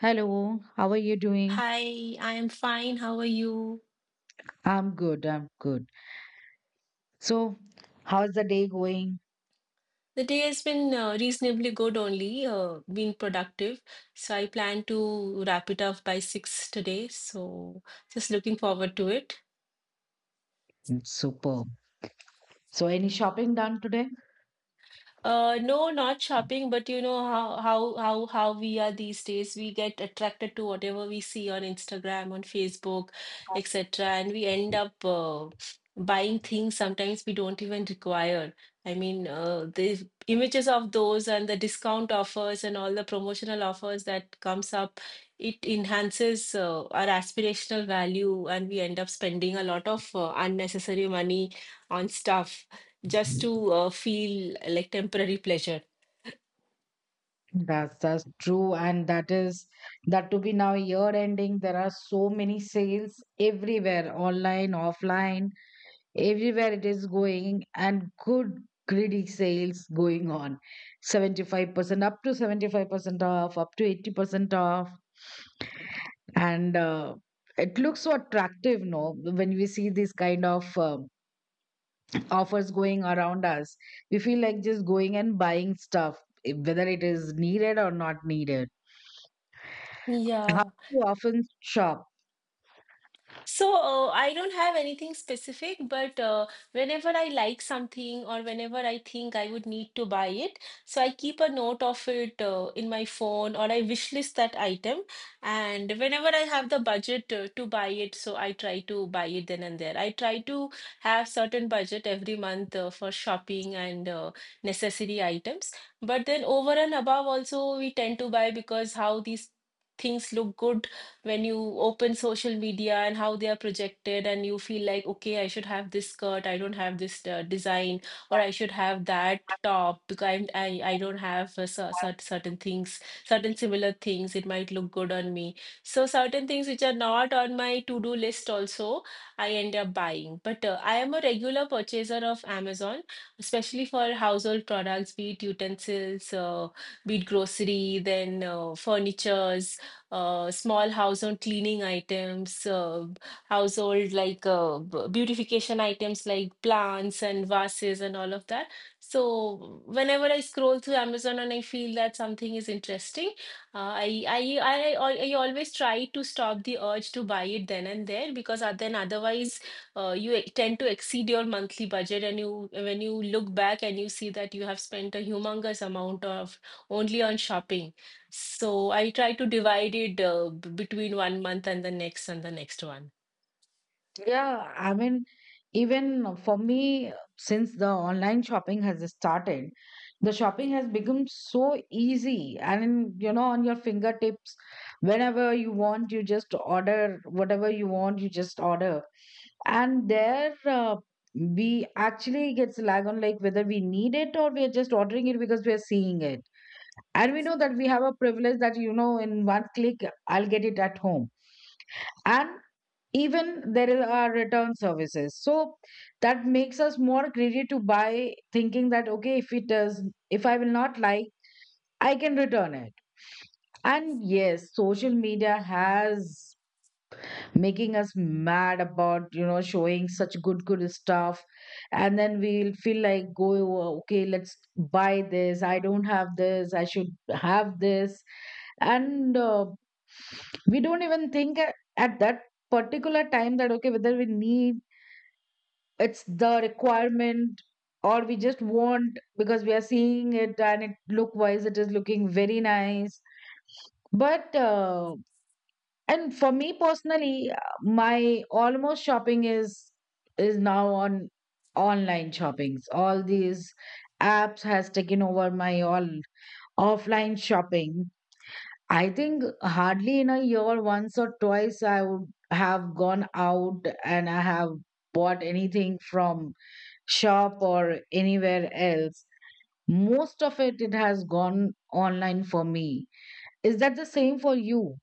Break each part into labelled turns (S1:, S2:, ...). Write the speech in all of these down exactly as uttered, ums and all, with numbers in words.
S1: Hello, how are you doing?
S2: Hi, I am fine. How are you?
S1: I'm good, I'm good. So, how's the day going?
S2: The day has been uh, reasonably good only, uh, been productive. So I plan to wrap it up by six today. So just looking forward to it.
S1: It's superb. So, any shopping done today?
S2: Uh, no, not shopping, but you know how how how how we are these days. We get attracted to whatever we see on Instagram, on Facebook, et cetera, and we end up uh, buying things sometimes we don't even require. I mean, uh, the images of those and the discount offers and all the promotional offers that comes up, it enhances uh, our aspirational value, and we end up spending a lot of uh, unnecessary money on stuff just to uh, feel like temporary pleasure.
S1: That's that's true, and that is that to be now year ending. There are so many sales everywhere, online, offline, everywhere it is going, and good greedy sales going on. seventy-five percent up to seventy-five percent off, up to eighty percent off. and uh, it looks so attractive no when we see these kind of um offers going around us, we feel like just going and buying stuff, eh, whether it is needed or not needed. How do
S2: Yeah.
S1: you often shop?
S2: So, uh, I don't have anything specific, but uh, whenever I like something or whenever I think I would need to buy it, so I keep a note of it uh, in my phone or I wish list that item. And whenever I have the budget uh, to buy it, so I try to buy it then and there. I try to have certain budget every month uh, for shopping and uh, necessary items. But then over and above also we tend to buy because how these things look good when you open social media and how they are projected, and you feel like, okay, I should have this skirt, I don't have this uh, design, or I should have that top because I'm, I I don't have uh, cer- cer- certain things, certain similar things. It might look good on me. So certain things which are not on my to-do list also, I end up buying. But uh, I am a regular purchaser of Amazon, especially for household products, be it utensils, uh, be it grocery, then uh, furnitures uh, small household cleaning items, uh, household like uh, b- beautification items like plants and vases and all of that. So whenever I scroll through Amazon and I feel that something is interesting, uh, I, I I al- I always try to stop the urge to buy it then and there because uh, then otherwise uh, you e- tend to exceed your monthly budget and you when you look back and you see that you have spent a humongous amount of only on shopping. So I try to divide it uh, b- between one month and the next and the next one.
S1: Yeah, I mean, even for me, since the online shopping has started, the shopping has become so easy and, you know, on your fingertips, whenever you want, you just order whatever you want, you just order. And there, uh, we actually gets lag on like whether we need it or we are just ordering it because we are seeing it. And we know that we have a privilege that, you know, in one click, I'll get it at home. And even there are return services, so that makes us more greedy to buy thinking that, okay, if it does, if I will not like, I can return it. And yes, social media has making us mad about, you know, showing such good good stuff, and then we'll feel like go, okay, let's buy this, I don't have this, I should have this. And uh, we don't even think at, at that particular time that, okay, whether we need, it's the requirement, or we just want because we are seeing it and it look wise it is looking very nice. But uh, and for me personally, uh, my almost shopping is is now on online shoppings. All these apps has taken over my all offline shopping. I think hardly in a year once or twice I would have gone out and I have bought anything from shop or anywhere else. Most of it, it has gone online for me. Is that the same for you?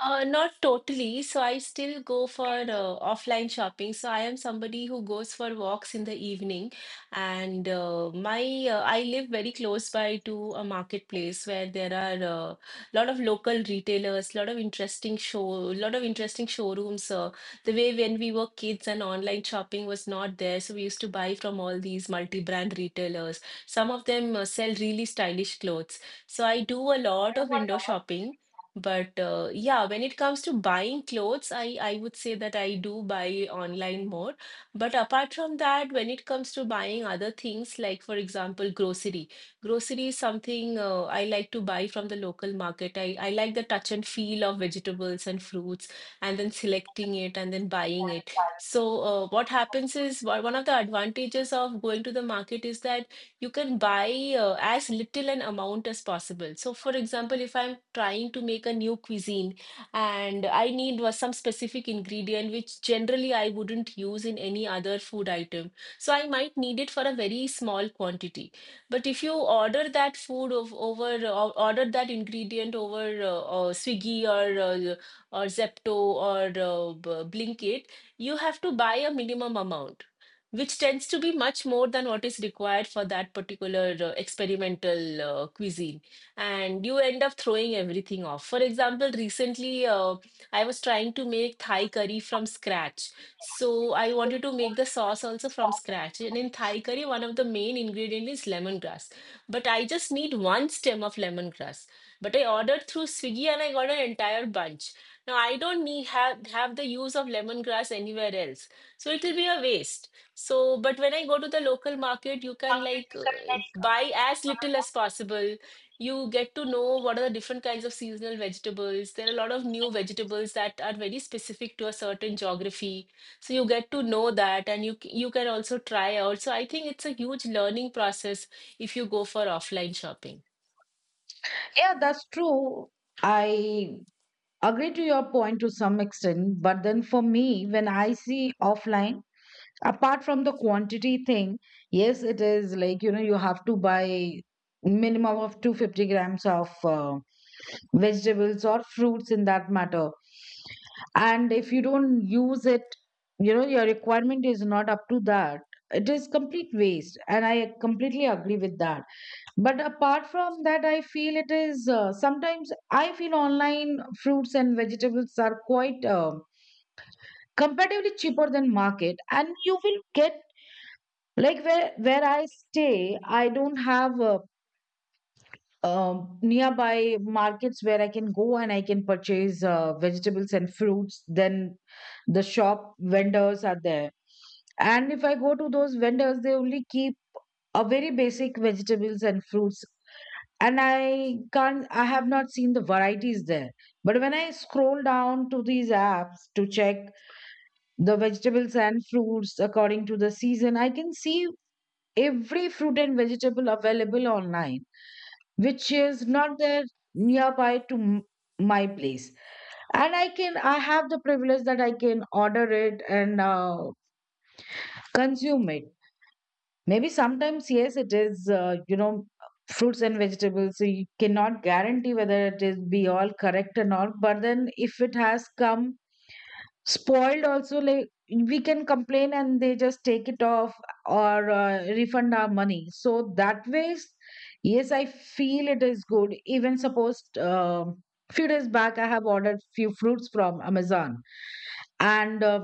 S2: Uh, not totally. So I still go for uh, offline shopping. So I am somebody who goes for walks in the evening, and uh, my uh, I live very close by to a marketplace where there are a uh, lot of local retailers, lot of interesting show, lot of interesting showrooms. Uh, the way when we were kids and online shopping was not there, so we used to buy from all these multi-brand retailers. Some of them uh, sell really stylish clothes. So I do a lot of window shopping but uh, yeah, when it comes to buying clothes, I, I would say that I do buy online more. But apart from that, when it comes to buying other things, like for example, grocery, grocery is something uh, I like to buy from the local market. I, I like the touch and feel of vegetables and fruits, and then selecting it and then buying it. So uh, what happens is one one of the advantages of going to the market is that you can buy uh, as little an amount as possible. So, for example, if I'm trying to make a new cuisine and I need was some specific ingredient which generally I wouldn't use in any other food item, so I might need it for a very small quantity. But if you order that food of, over or order that ingredient over uh, uh, Swiggy or uh, or Zepto or uh, B- Blinkit, you have to buy a minimum amount which tends to be much more than what is required for that particular uh, experimental uh, cuisine. And you end up throwing everything off. For example, recently uh, I was trying to make Thai curry from scratch. So I wanted to make the sauce also from scratch. And in Thai curry, one of the main ingredients is lemongrass. But I just need one stem of lemongrass. But I ordered through Swiggy and I got an entire bunch. Now I don't need have, have the use of lemongrass anywhere else. So it will be a waste. So, but when I go to the local market, you can like uh, buy as little as possible. You get to know what are the different kinds of seasonal vegetables. There are a lot of new vegetables that are very specific to a certain geography. So you get to know that, and you c- you can also try out. So I think it's a huge learning process if you go for offline shopping.
S1: Yeah, that's true. I agree to your point to some extent, but then for me, when I see offline, apart from the quantity thing, yes, it is like, you know, you have to buy minimum of two hundred fifty grams of uh, vegetables or fruits in that matter. And if you don't use it, you know, your requirement is not up to that, it is complete waste, and I completely agree with that. But apart from that, I feel it is, uh, sometimes I feel online fruits and vegetables are quite uh, comparatively cheaper than market, and you will get, like, where where I stay, I don't have uh, um, nearby markets where I can go and I can purchase uh, vegetables and fruits. Then the shop vendors are there. And if I go to those vendors, they only keep a very basic vegetables and fruits. And I can't, I have not seen the varieties there. But when I scroll down to these apps to check the vegetables and fruits according to the season, I can see every fruit and vegetable available online, which is not there nearby to m- my place. And I can, I have the privilege that I can order it and uh, consume it. Maybe sometimes, yes, it is, uh, you know, fruits and vegetables, so you cannot guarantee whether it is be all correct or not, but then if it has come spoiled also, like, we can complain and they just take it off or uh, refund our money. So that way, yes, I feel it is good. Even suppose, um few days back I have ordered few fruits from Amazon, and uh,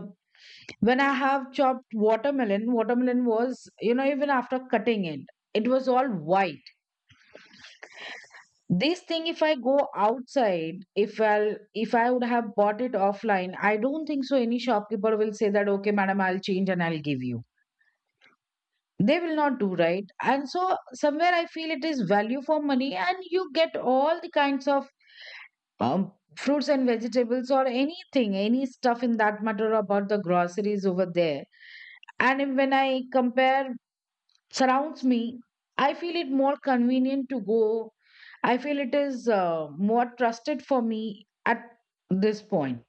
S1: when I have chopped watermelon, watermelon was, you know, even after cutting it, it was all white. This thing, if I go outside, if i'll if I would have bought it offline, I don't think so any shopkeeper will say that, okay, madam, I'll change and I'll give you. They will not do, right? And so somewhere I feel it is value for money, and you get all the kinds of, um, fruits and vegetables or anything, any stuff in that matter about the groceries over there. And if- When I compare surrounds me, I feel it more convenient to go. I feel it is uh, more trusted for me at this point.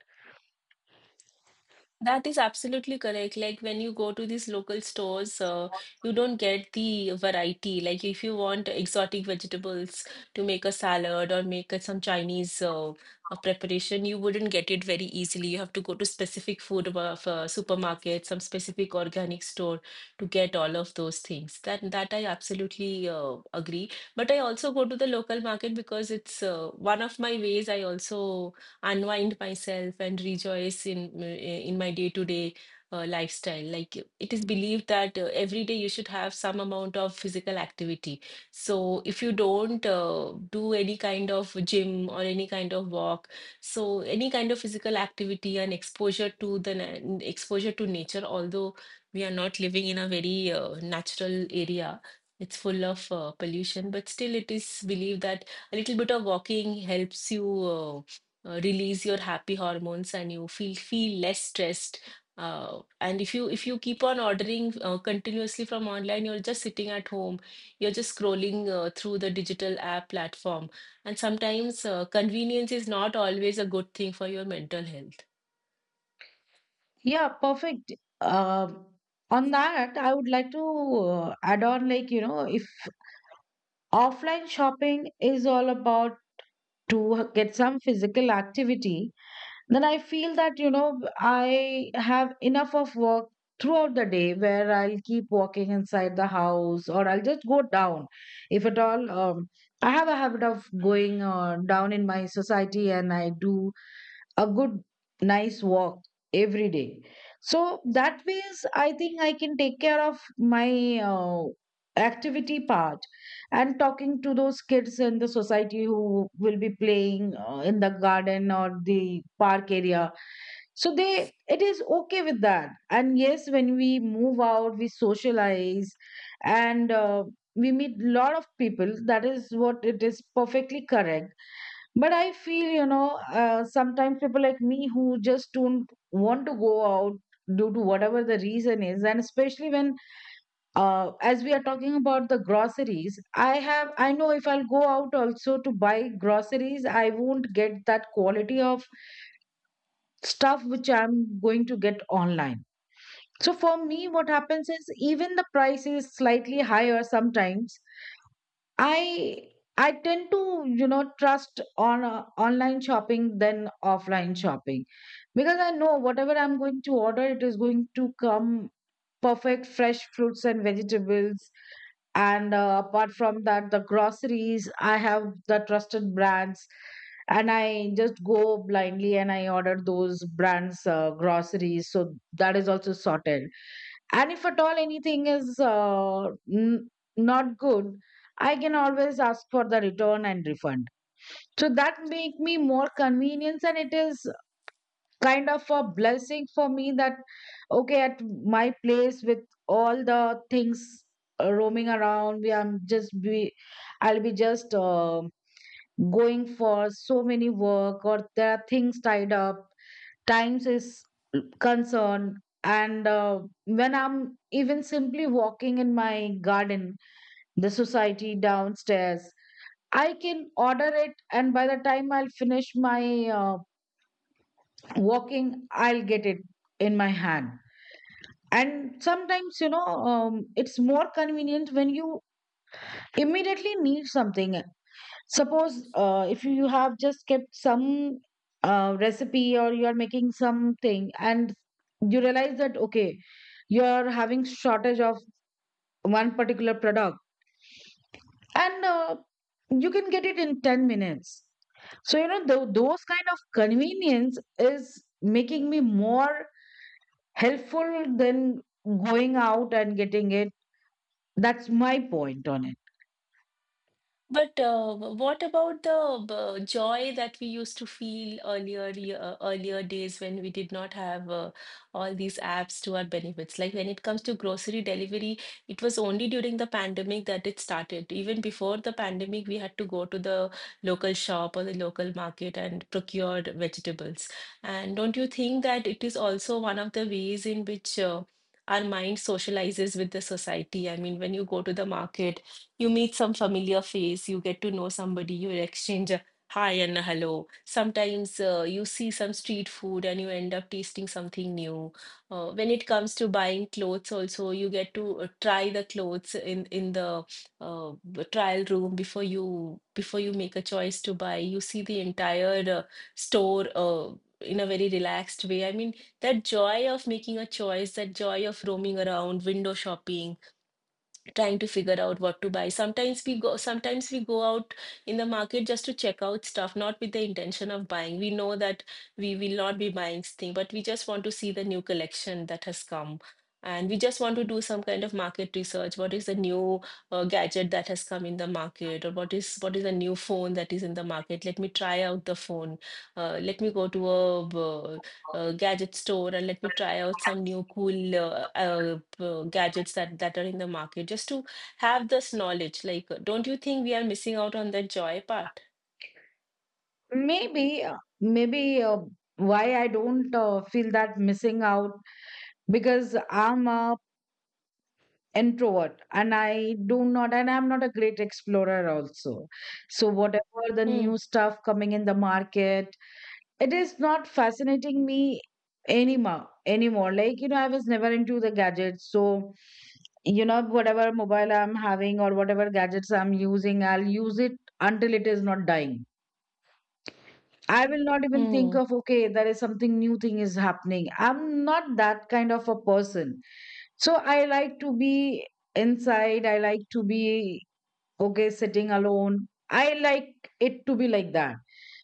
S2: That is absolutely correct. Like when you go to these local stores, uh, you don't get the variety. Like if you want exotic vegetables to make a salad or make a, some Chinese uh, uh, preparation, you wouldn't get it very easily. You have to go to specific food of uh, supermarket, some specific organic store to get all of those things. That that I absolutely uh, agree. But I also go to the local market because it's uh, one of my ways. I also unwind myself and rejoice in eh, in my day-to-day uh, lifestyle. Like it is believed that uh, every day you should have some amount of physical activity. So if you don't uh, do any kind of gym or any kind of walk, so any kind of physical activity and exposure to the na- exposure to nature, although we are not living in a very uh, natural area. It's full of uh, pollution, but still, it is believed that a little bit of walking helps you uh, uh, release your happy hormones and you feel feel less stressed. uh, and if you if you keep on ordering uh, continuously from online, you're just sitting at home, you're just scrolling uh, through the digital app platform, and sometimes uh, convenience is not always a good thing for your mental health.
S1: Yeah, perfect. Uh, on that, I would like to uh, add on, like, you know, if offline shopping is all about to get some physical activity, then I feel that, you know, I have enough of work throughout the day where I'll keep walking inside the house or I'll just go down. If at all, um, I have a habit of going uh, down in my society and I do a good nice walk every day. So that ways I think I can take care of my uh, activity part, and talking to those kids in the society who will be playing uh, in the garden or the park area, so they, it is okay with that. And yes, when we move out we socialize, and uh, we meet lot of people, that is what, it is perfectly correct. But I feel, you know, uh, sometimes people like me who just don't want to go out due to whatever the reason is, and especially when, uh, as we are talking about the groceries, I have, I know if I'll go out also to buy groceries, I won't get that quality of stuff which I'm going to get online. So for me what happens is, even the price is slightly higher sometimes, I I tend to, you know, trust on uh, online shopping than offline shopping, because I know whatever I'm going to order, it is going to come perfect fresh fruits and vegetables. And uh, apart from that, the groceries I have the trusted brands, and I just go blindly and I order those brands uh, groceries. So that is also sorted. And if at all anything is uh, n- not good, I can always ask for the return and refund. So that make me more convenience, and it is kind of a blessing for me that, okay, at my place with all the things uh, roaming around, we am just be, I'll be just, uh, going for so many work, or there are things tied up, times is concerned. And uh, when I'm even simply walking in my garden, the society downstairs, I can order it, and by the time I'll finish my uh, walking, I'll get it in my hand. And sometimes, you know, um, it's more convenient when you immediately need something. Suppose, uh, if you have just kept some uh, recipe or you are making something and you realize that, okay, you're having shortage of one particular product, and uh, you can get it in ten minutes. So, you know, tho- those kind of convenience is making me more helpful than going out and getting it. That's my point on it.
S2: But uh, what about the uh, joy that we used to feel earlier ye- uh, earlier days when we did not have uh, all these apps to our benefits? Like when it comes to grocery delivery, it was only during the pandemic that it started. Even before the pandemic, we had to go to the local shop or the local market and procure vegetables. And don't you think that it is also one of the ways in which uh, our mind socializes with the society? I mean, when you go to the market you meet some familiar face, you get to know somebody, you exchange a hi and a hello. Sometimes uh, you see some street food and you end up tasting something new. Uh, when it comes to buying clothes, also you get to uh, try the clothes in in the uh, b- trial room before you before you make a choice to buy. You see the entire uh, store uh, in a very relaxed way. I mean, that joy of making a choice, that joy of roaming around, window shopping, trying to figure out what to buy. Sometimes we go sometimes we go out in the market just to check out stuff, not with the intention of buying. We know that we will not be buying thing, but we just want to see the new collection that has come, and we just want to do some kind of market research. What is the new uh, gadget that has come in the market, or what is what is the new phone that is in the market? Let me try out the phone. Uh, let me go to a uh, uh, gadget store and let me try out some new cool uh, uh, uh, gadgets that that are in the market just to have this knowledge. Like uh, don't you think we are missing out on the joy part?
S1: Maybe, uh, maybe uh, why I don't uh, feel that missing out, because I'm a introvert, and I do not, and I'm not a great explorer also. So whatever the
S2: Mm.
S1: new stuff coming in the market, it is not fascinating me anymore anymore. Like, you know, I was never into the gadgets. So, you know, whatever mobile I'm having or whatever gadgets I'm using, I'll use it until it is not dying. I will not even think
S2: Mm.
S1: of, okay, there is something new thing is happening. I'm not that kind of a person. So I like to be inside. I like to be, okay, sitting alone. I like it to be like that.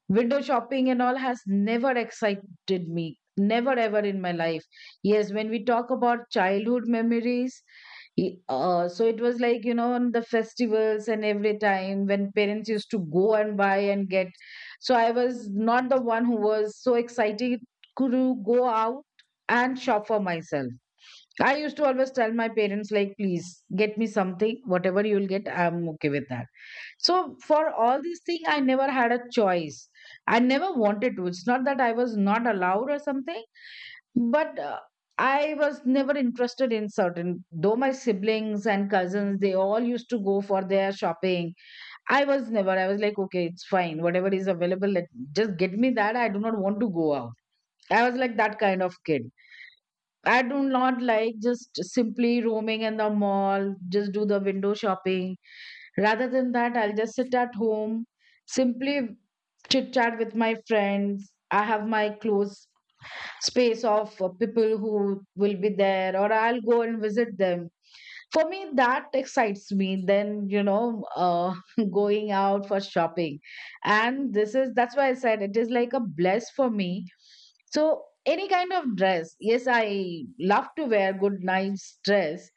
S1: Window shopping and all has never excited me, never ever in my life. Yes, when we talk about childhood memories, Y- Uh, so it was like, you know, on the festivals and every time when parents used to go and buy and get. So I was not the one who was so excited to go out and shop for myself. I used to always tell my parents, like, please get me something, whatever you'll get, I'm okay with that. So for all these things, I never had a choice. I never wanted to. It's not that I was not allowed or something but uh, I was never interested in certain, though my siblings and cousins, they all used to go for their shopping. I was never I was like, okay, it's fine, whatever is available, let, just get me that. I do not want to go out. I was like that kind of kid. I do not like just simply roaming in the mall, just do the window shopping. Rather than that, I'll just sit at home, simply chit chat with my friends. I have my clothes, space of uh, people who will be there, or I'll go and visit them. For me, that excites me, then you know uh, going out for shopping. And this is, that's why I said, it is like a bless for me. So any kind of dress, yes, I love to wear good nice dress.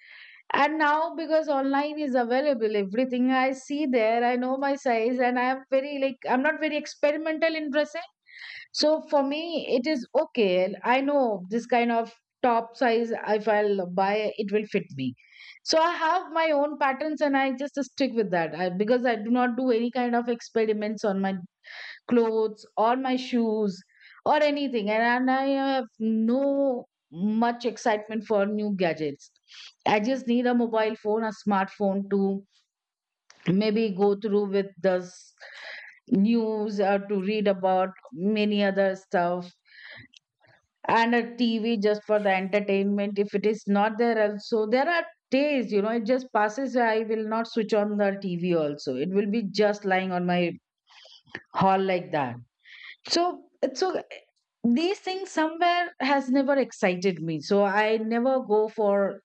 S1: And now, because online is available everything, I see there, I know my size, and I am very like, I'm not very experimental in dressing. So for me, it is okay. I know this kind of top size, if I'll buy, it will fit me. So I have my own patterns and I just stick with that I, because I do not do any kind of experiments on my clothes or my shoes or anything. And, and I have no much excitement for new gadgets. I just need a mobile phone, a smartphone to maybe go through with this news or to read about many other stuff, and a T V just for the entertainment. If it is not there, also, there are days, you know, it just passes. I will not switch on the T V. Also, it will be just lying on my hall like that. So, it's so, these things somewhere has never excited me. So I never go for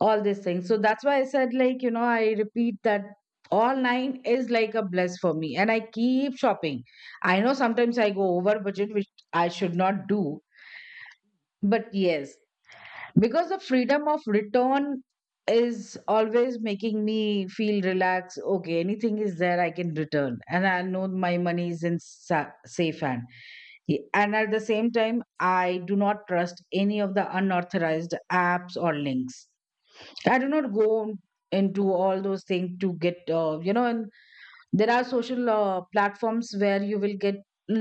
S1: all these things. So that's why I said, like, you know, I repeat that. Online is like a bless for me, and I keep shopping. I know sometimes I go over budget, which I should not do, but yes, because the freedom of return is always making me feel relaxed. Okay, anything is there, I can return, and I know my money is in sa- safe hand. Ye- and at the same time, I do not trust any of the unauthorized apps or links. I do not go into all those things to get, uh, you know and there are social uh, platforms where you will get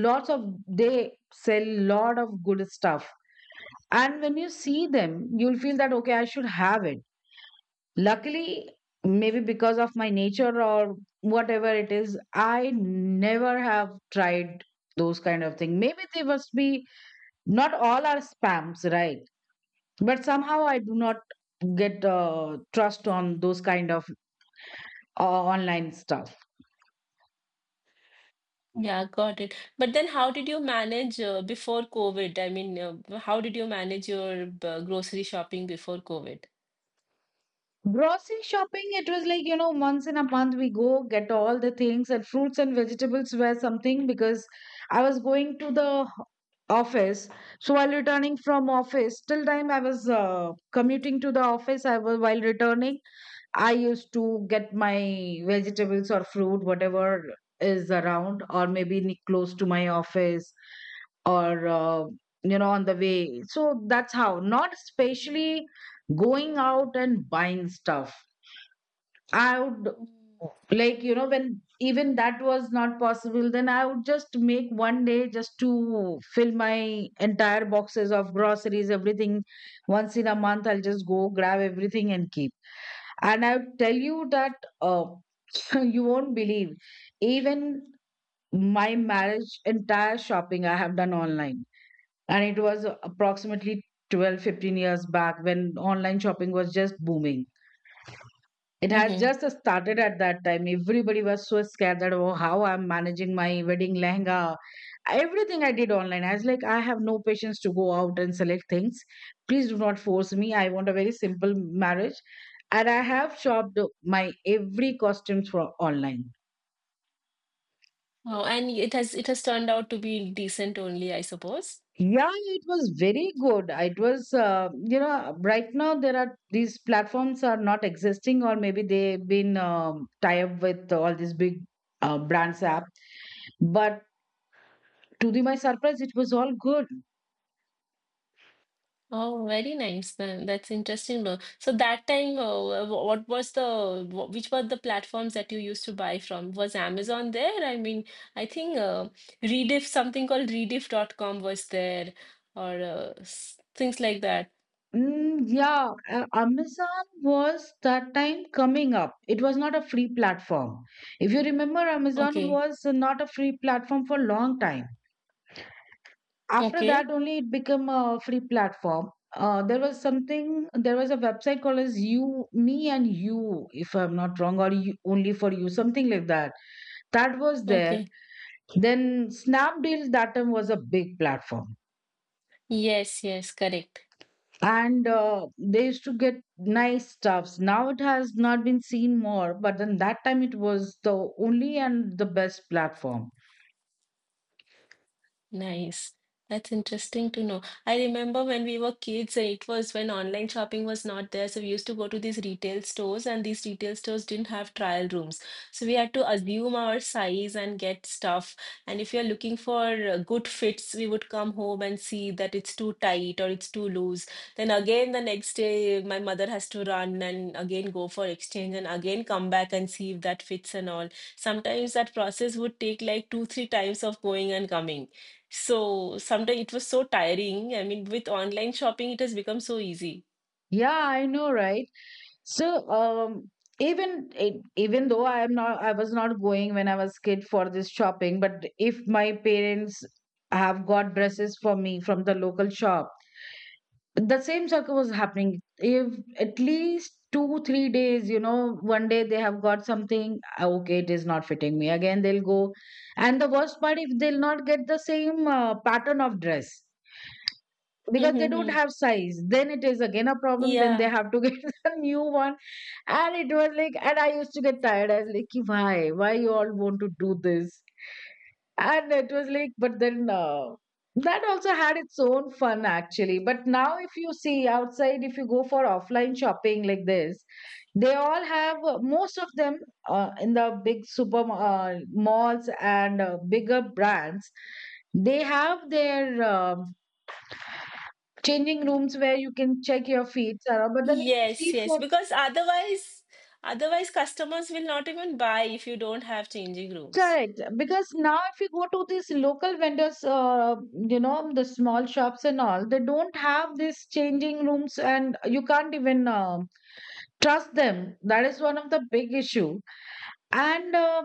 S1: lots of, they sell lot of good stuff. And when you see them, you'll feel that, okay, I should have it. Luckily, maybe because of my nature or whatever it is, I never have tried those kind of thing. Maybe they must be, not all are spams, right? But somehow I do not get uh, trust on those kind of uh, online stuff.
S2: Yeah, got it. But then how did you manage uh, before COVID? I mean, uh, how did you manage your uh, grocery shopping before COVID?
S1: Grocery shopping, it was like, you know, once in a month we go get all the things, and fruits and vegetables were something because I was going to the office. So while returning from office, till time I was uh, commuting to the office, I was, while returning, I used to get my vegetables or fruit, whatever is around, or maybe ne- close to my office or, uh, you know, on the way. So that's how, not especially going out and buying stuff. I would like, you know, when even that was not possible, then I would just make one day just to fill my entire boxes of groceries, everything. Once in a month, I'll just go grab everything and keep. And I would tell you that. Uh, you won't believe. Even my marriage entire shopping I have done online. And it was approximately twelve fifteen years back when online shopping was just booming. It has
S2: Mm-hmm.
S1: just started at that time. Everybody was so scared that, oh, how I'm managing my wedding lehenga. Everything I did online. I was like, I have no patience to go out and select things. Please do not force me. I want a very simple marriage. And I have shopped my every costume for online.
S2: Oh, and it has it has turned out to be decent only, I suppose.
S1: Yeah, it was very good. It was, uh, you know, right now there are these platforms are not existing, or maybe they've been um, tie up with all these big uh, brands app. But to the my surprise, it was all good.
S2: Oh, very nice then. That's interesting though. So that time, uh, wh- what was the wh- which were the platforms that you used to buy from? Was Amazon there? I mean, I think uh, Rediff, something called rediff dot com was there, or uh, s- things like that.
S1: Mm, yeah, uh, Amazon was that time coming up. It was not a free platform. If you remember, Amazon
S2: Okay,
S1: was not a free platform for a long time, after that
S2: okay,
S1: only it became a free platform. Uh, there was something, there was a website called as you me and you, if I'm not wrong, or you, only for you, something like that. That was there.
S2: okay.
S1: Then Snapdeal that time was a big platform,
S2: Yes, yes, correct.
S1: and uh, they used to get nice stuffs. Now it has not been seen more, but then that time it was the only and the best platform.
S2: Nice. That's interesting to know. I remember when we were kids, and it was when online shopping was not there. So we used to go to these retail stores, and these retail stores didn't have trial rooms. So we had to assume our size and get stuff. And if you're looking for uh, good fits, we would come home and see that it's too tight or it's too loose. Then again, the next day, my mother has to run and again go for exchange and again come back and see if that fits and all. Sometimes that process would take like two, three times of going and coming. So sometimes it was so tiring. I mean, with online shopping, it has become so easy.
S1: Yeah, I know, right. So, um, even it, even though I am not, I was not going when I was kid for this shopping. But if my parents have got dresses for me from the local shop, the same circle was happening. If at least two three days, you know, one day they have got something, "Ah, okay, it is not fitting me." Again, they'll go, and the worst part, if they'll not get the same uh, pattern of dress. Because they don't
S2: Mm-hmm.
S1: have size, then it is again a problem. Then they
S2: Yeah.
S1: have to get a new one. And it was like, and I used to get tired. I was like, "Ki why? Why you all want to do this?" And it was like, but then uh, that also had its own fun actually. But now, if you see outside, if you go for offline shopping like this, they all have, uh, most of them, uh, in the big super uh, malls and uh, bigger brands. They have their um changing rooms where you can check your feet, Sarah. But then if you
S2: Yes,
S1: see
S2: yes.
S1: for,
S2: Because otherwise, otherwise customers will not even buy if you don't have changing rooms.
S1: correct, because now if you go to these local vendors, uh, you know, the small shops and all, they don't have these changing rooms, and you can't even uh, trust them. That is one of the big issue. And uh,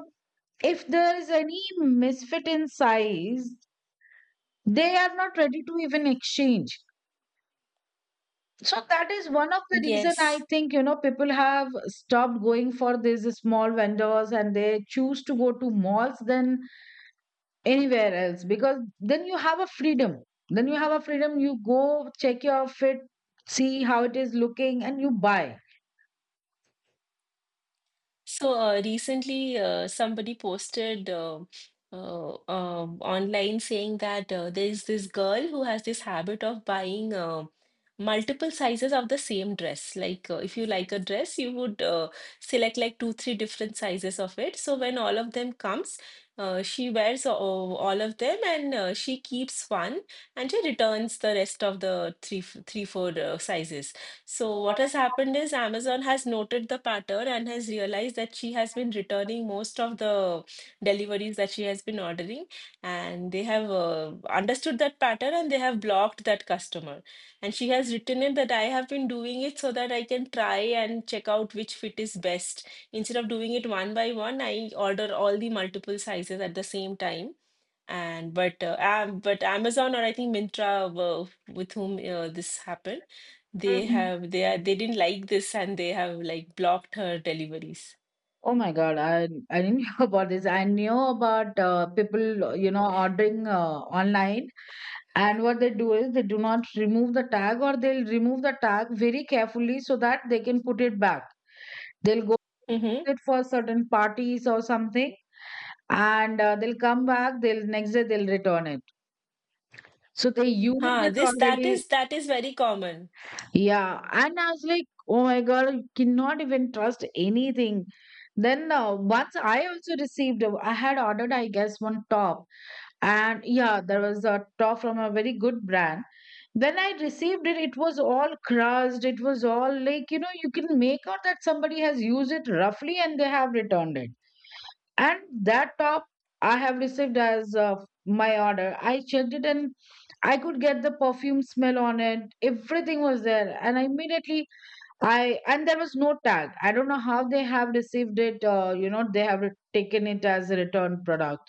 S1: if there is any misfit in size, they are not ready to even exchange. So that is one of the reason, I
S2: Yes.
S1: think, you know, people have stopped going for these small vendors and they choose to go to malls then anywhere else, because then you have a freedom. Then you have a freedom, you go check your outfit, see how it is looking, and you buy.
S2: So uh, recently, uh, somebody posted uh, uh, um online saying that uh, there's this girl who has this habit of buying uh, multiple sizes of the same dress. Like, uh, if you like a dress, you would uh, select like two, three different sizes of it. So when all of them comes, uh, she wears uh, all of them and uh, she keeps one and she returns the rest of the three, f- three, four uh, sizes. So, what has happened is Amazon has noted the pattern and has realized that she has been returning most of the deliveries that she has been ordering. And they have uh, understood that pattern and they have blocked that customer. And she has written it that I have been doing it so that I can try and check out which fit is best. Instead of doing it one by one, I order all the multiple sizes at the same time. And but uh, Am- but Amazon or I think Mintra uh, with whom uh, this happened they
S1: Mhm.
S2: have they are they didn't like this and they have like blocked her deliveries.
S1: Oh my god, i i didn't know about this. I knew about uh, people, you know, ordering uh, online, and what they do is, they do not remove the tag, or they'll remove the tag very carefully so that they can put it back. They'll go
S2: Mm-hmm.
S1: with it for certain parties or something, and uh, they'll come back, they'll next day they'll return it. So they used
S2: Huh,
S1: it
S2: this that
S1: already.
S2: is that is very common.
S1: Yeah. And I was like, oh my God, I cannot even trust anything. Then uh, once I also received, a- I had ordered, I guess, one top. And yeah, there was a top from a very good brand. When I received it, it was all crushed. It was all like, you know, you can make out that somebody has used it roughly and they have returned it. And that top I have received as uh, my order. I checked it and I could get the perfume smell on it. Everything was there, and I immediately, I, and there was no tag. I don't know how they have received it. Uh, you know, they have taken it as a return product,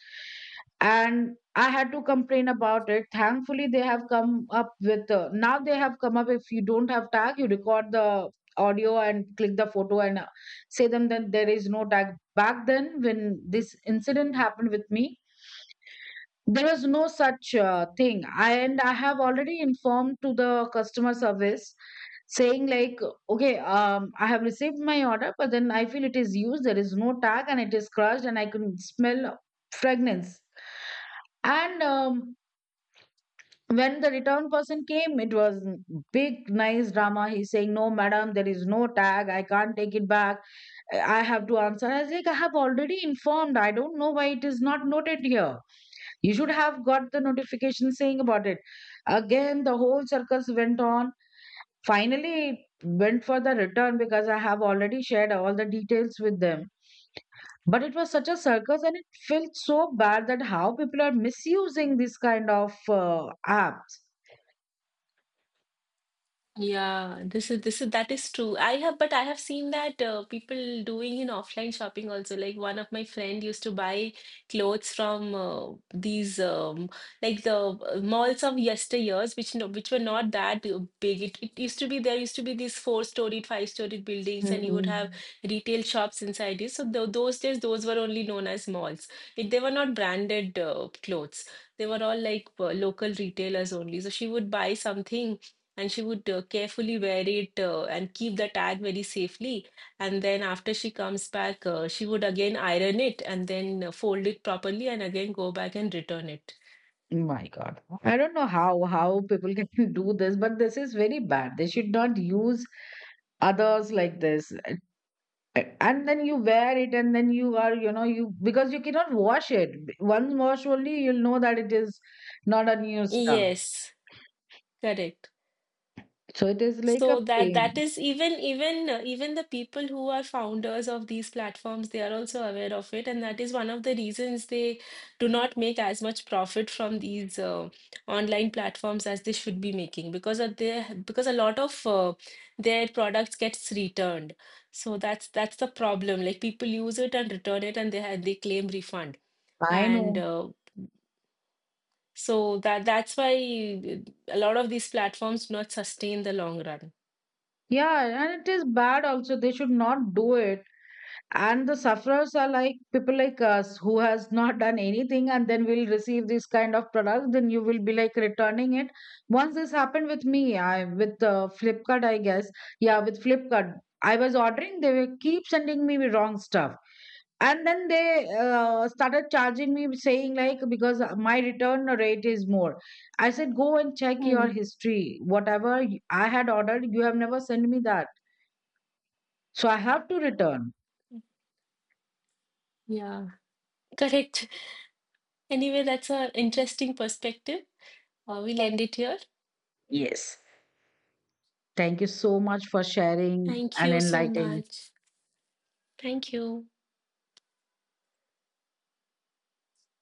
S1: and I had to complain about it. Thankfully, they have come up with, uh, now they have come up. If you don't have tag, you record the audio and click the photo and uh, say them that there is no tag. Back then, when this incident happened with me, there was no such uh, thing. And I have already informed to the customer service, saying like, okay, um, I have received my order, but then I feel it is used. There is no tag, and it is crushed, and I can smell fragrance. And um, when the return person came, it was big, nice drama. He's saying, "No, madam, there is no tag. I can't take it back." I I have to answer. I was like, I have already informed. I don't know why it is not noted here. You should have got the notification saying about it. Again, the whole circus went on. Finally, it went for the return, because I have already shared all the details with them. But it was such a circus, and it felt so bad that how people are misusing this kind of uh, apps.
S2: Yeah, this is this is that is true. I have, but I have seen that uh, people doing in offline shopping also. Like one of my friend used to buy clothes from uh, these um, like the uh, malls of yesteryears, which no, which were not that uh, big. It, it used to be there used to be these four-storied, five-storied buildings, and you would have
S1: Hmm.
S2: retail shops inside it. So tho- those days, those were only known as malls. It, they were not branded uh, clothes. They were all like uh, local retailers only. So she would buy something and she would uh, carefully wear it uh, and keep the tag very safely. And then after she comes back, uh, she would again iron it and then uh, fold it properly and again go back and return it.
S1: My God, I don't know how how people can do this, but this is very bad. They should not use others like this. A- and then you wear it and then you are, you know, you, because you cannot wash it, B- one wash only you'll know that it is not a new stuff.
S2: Yes, correct.
S1: So it is like a
S2: So that that
S1: pain.
S2: is even even uh, even the people who are founders of these platforms, they are also aware of it, and that is one of the reasons they do not make as much profit from these uh, online platforms as they should be making because of their because a lot of uh, their products gets returned. So that's that's the problem. Like people use it and return it, and they ha they claim refund,
S1: I know.
S2: and uh, so that that's why uh, a lot of these platforms do not sustain the long run.
S1: Yeah, and it is bad also. They should not do it. And the sufferers are like people like us who has not done anything, and then we'll receive this kind of product. Then you will be like returning it. Once this happened with me, I with uh, Flipkart, I guess. Yeah, with Flipkart, I was ordering. They will keep sending me wrong stuff, and then they uh, started charging me saying like, because my return rate is more. I said, go and check your
S2: Hmm.
S1: history. Whatever y- I had ordered, you have never sent me that. So I have to return.
S2: Yeah. Correct. Anyway, that's an interesting perspective. Uh, we'll end it here.
S1: Yes. Thank you so much for sharing
S2: Thank
S1: and
S2: you so
S1: enlightening.
S2: much. Thank you.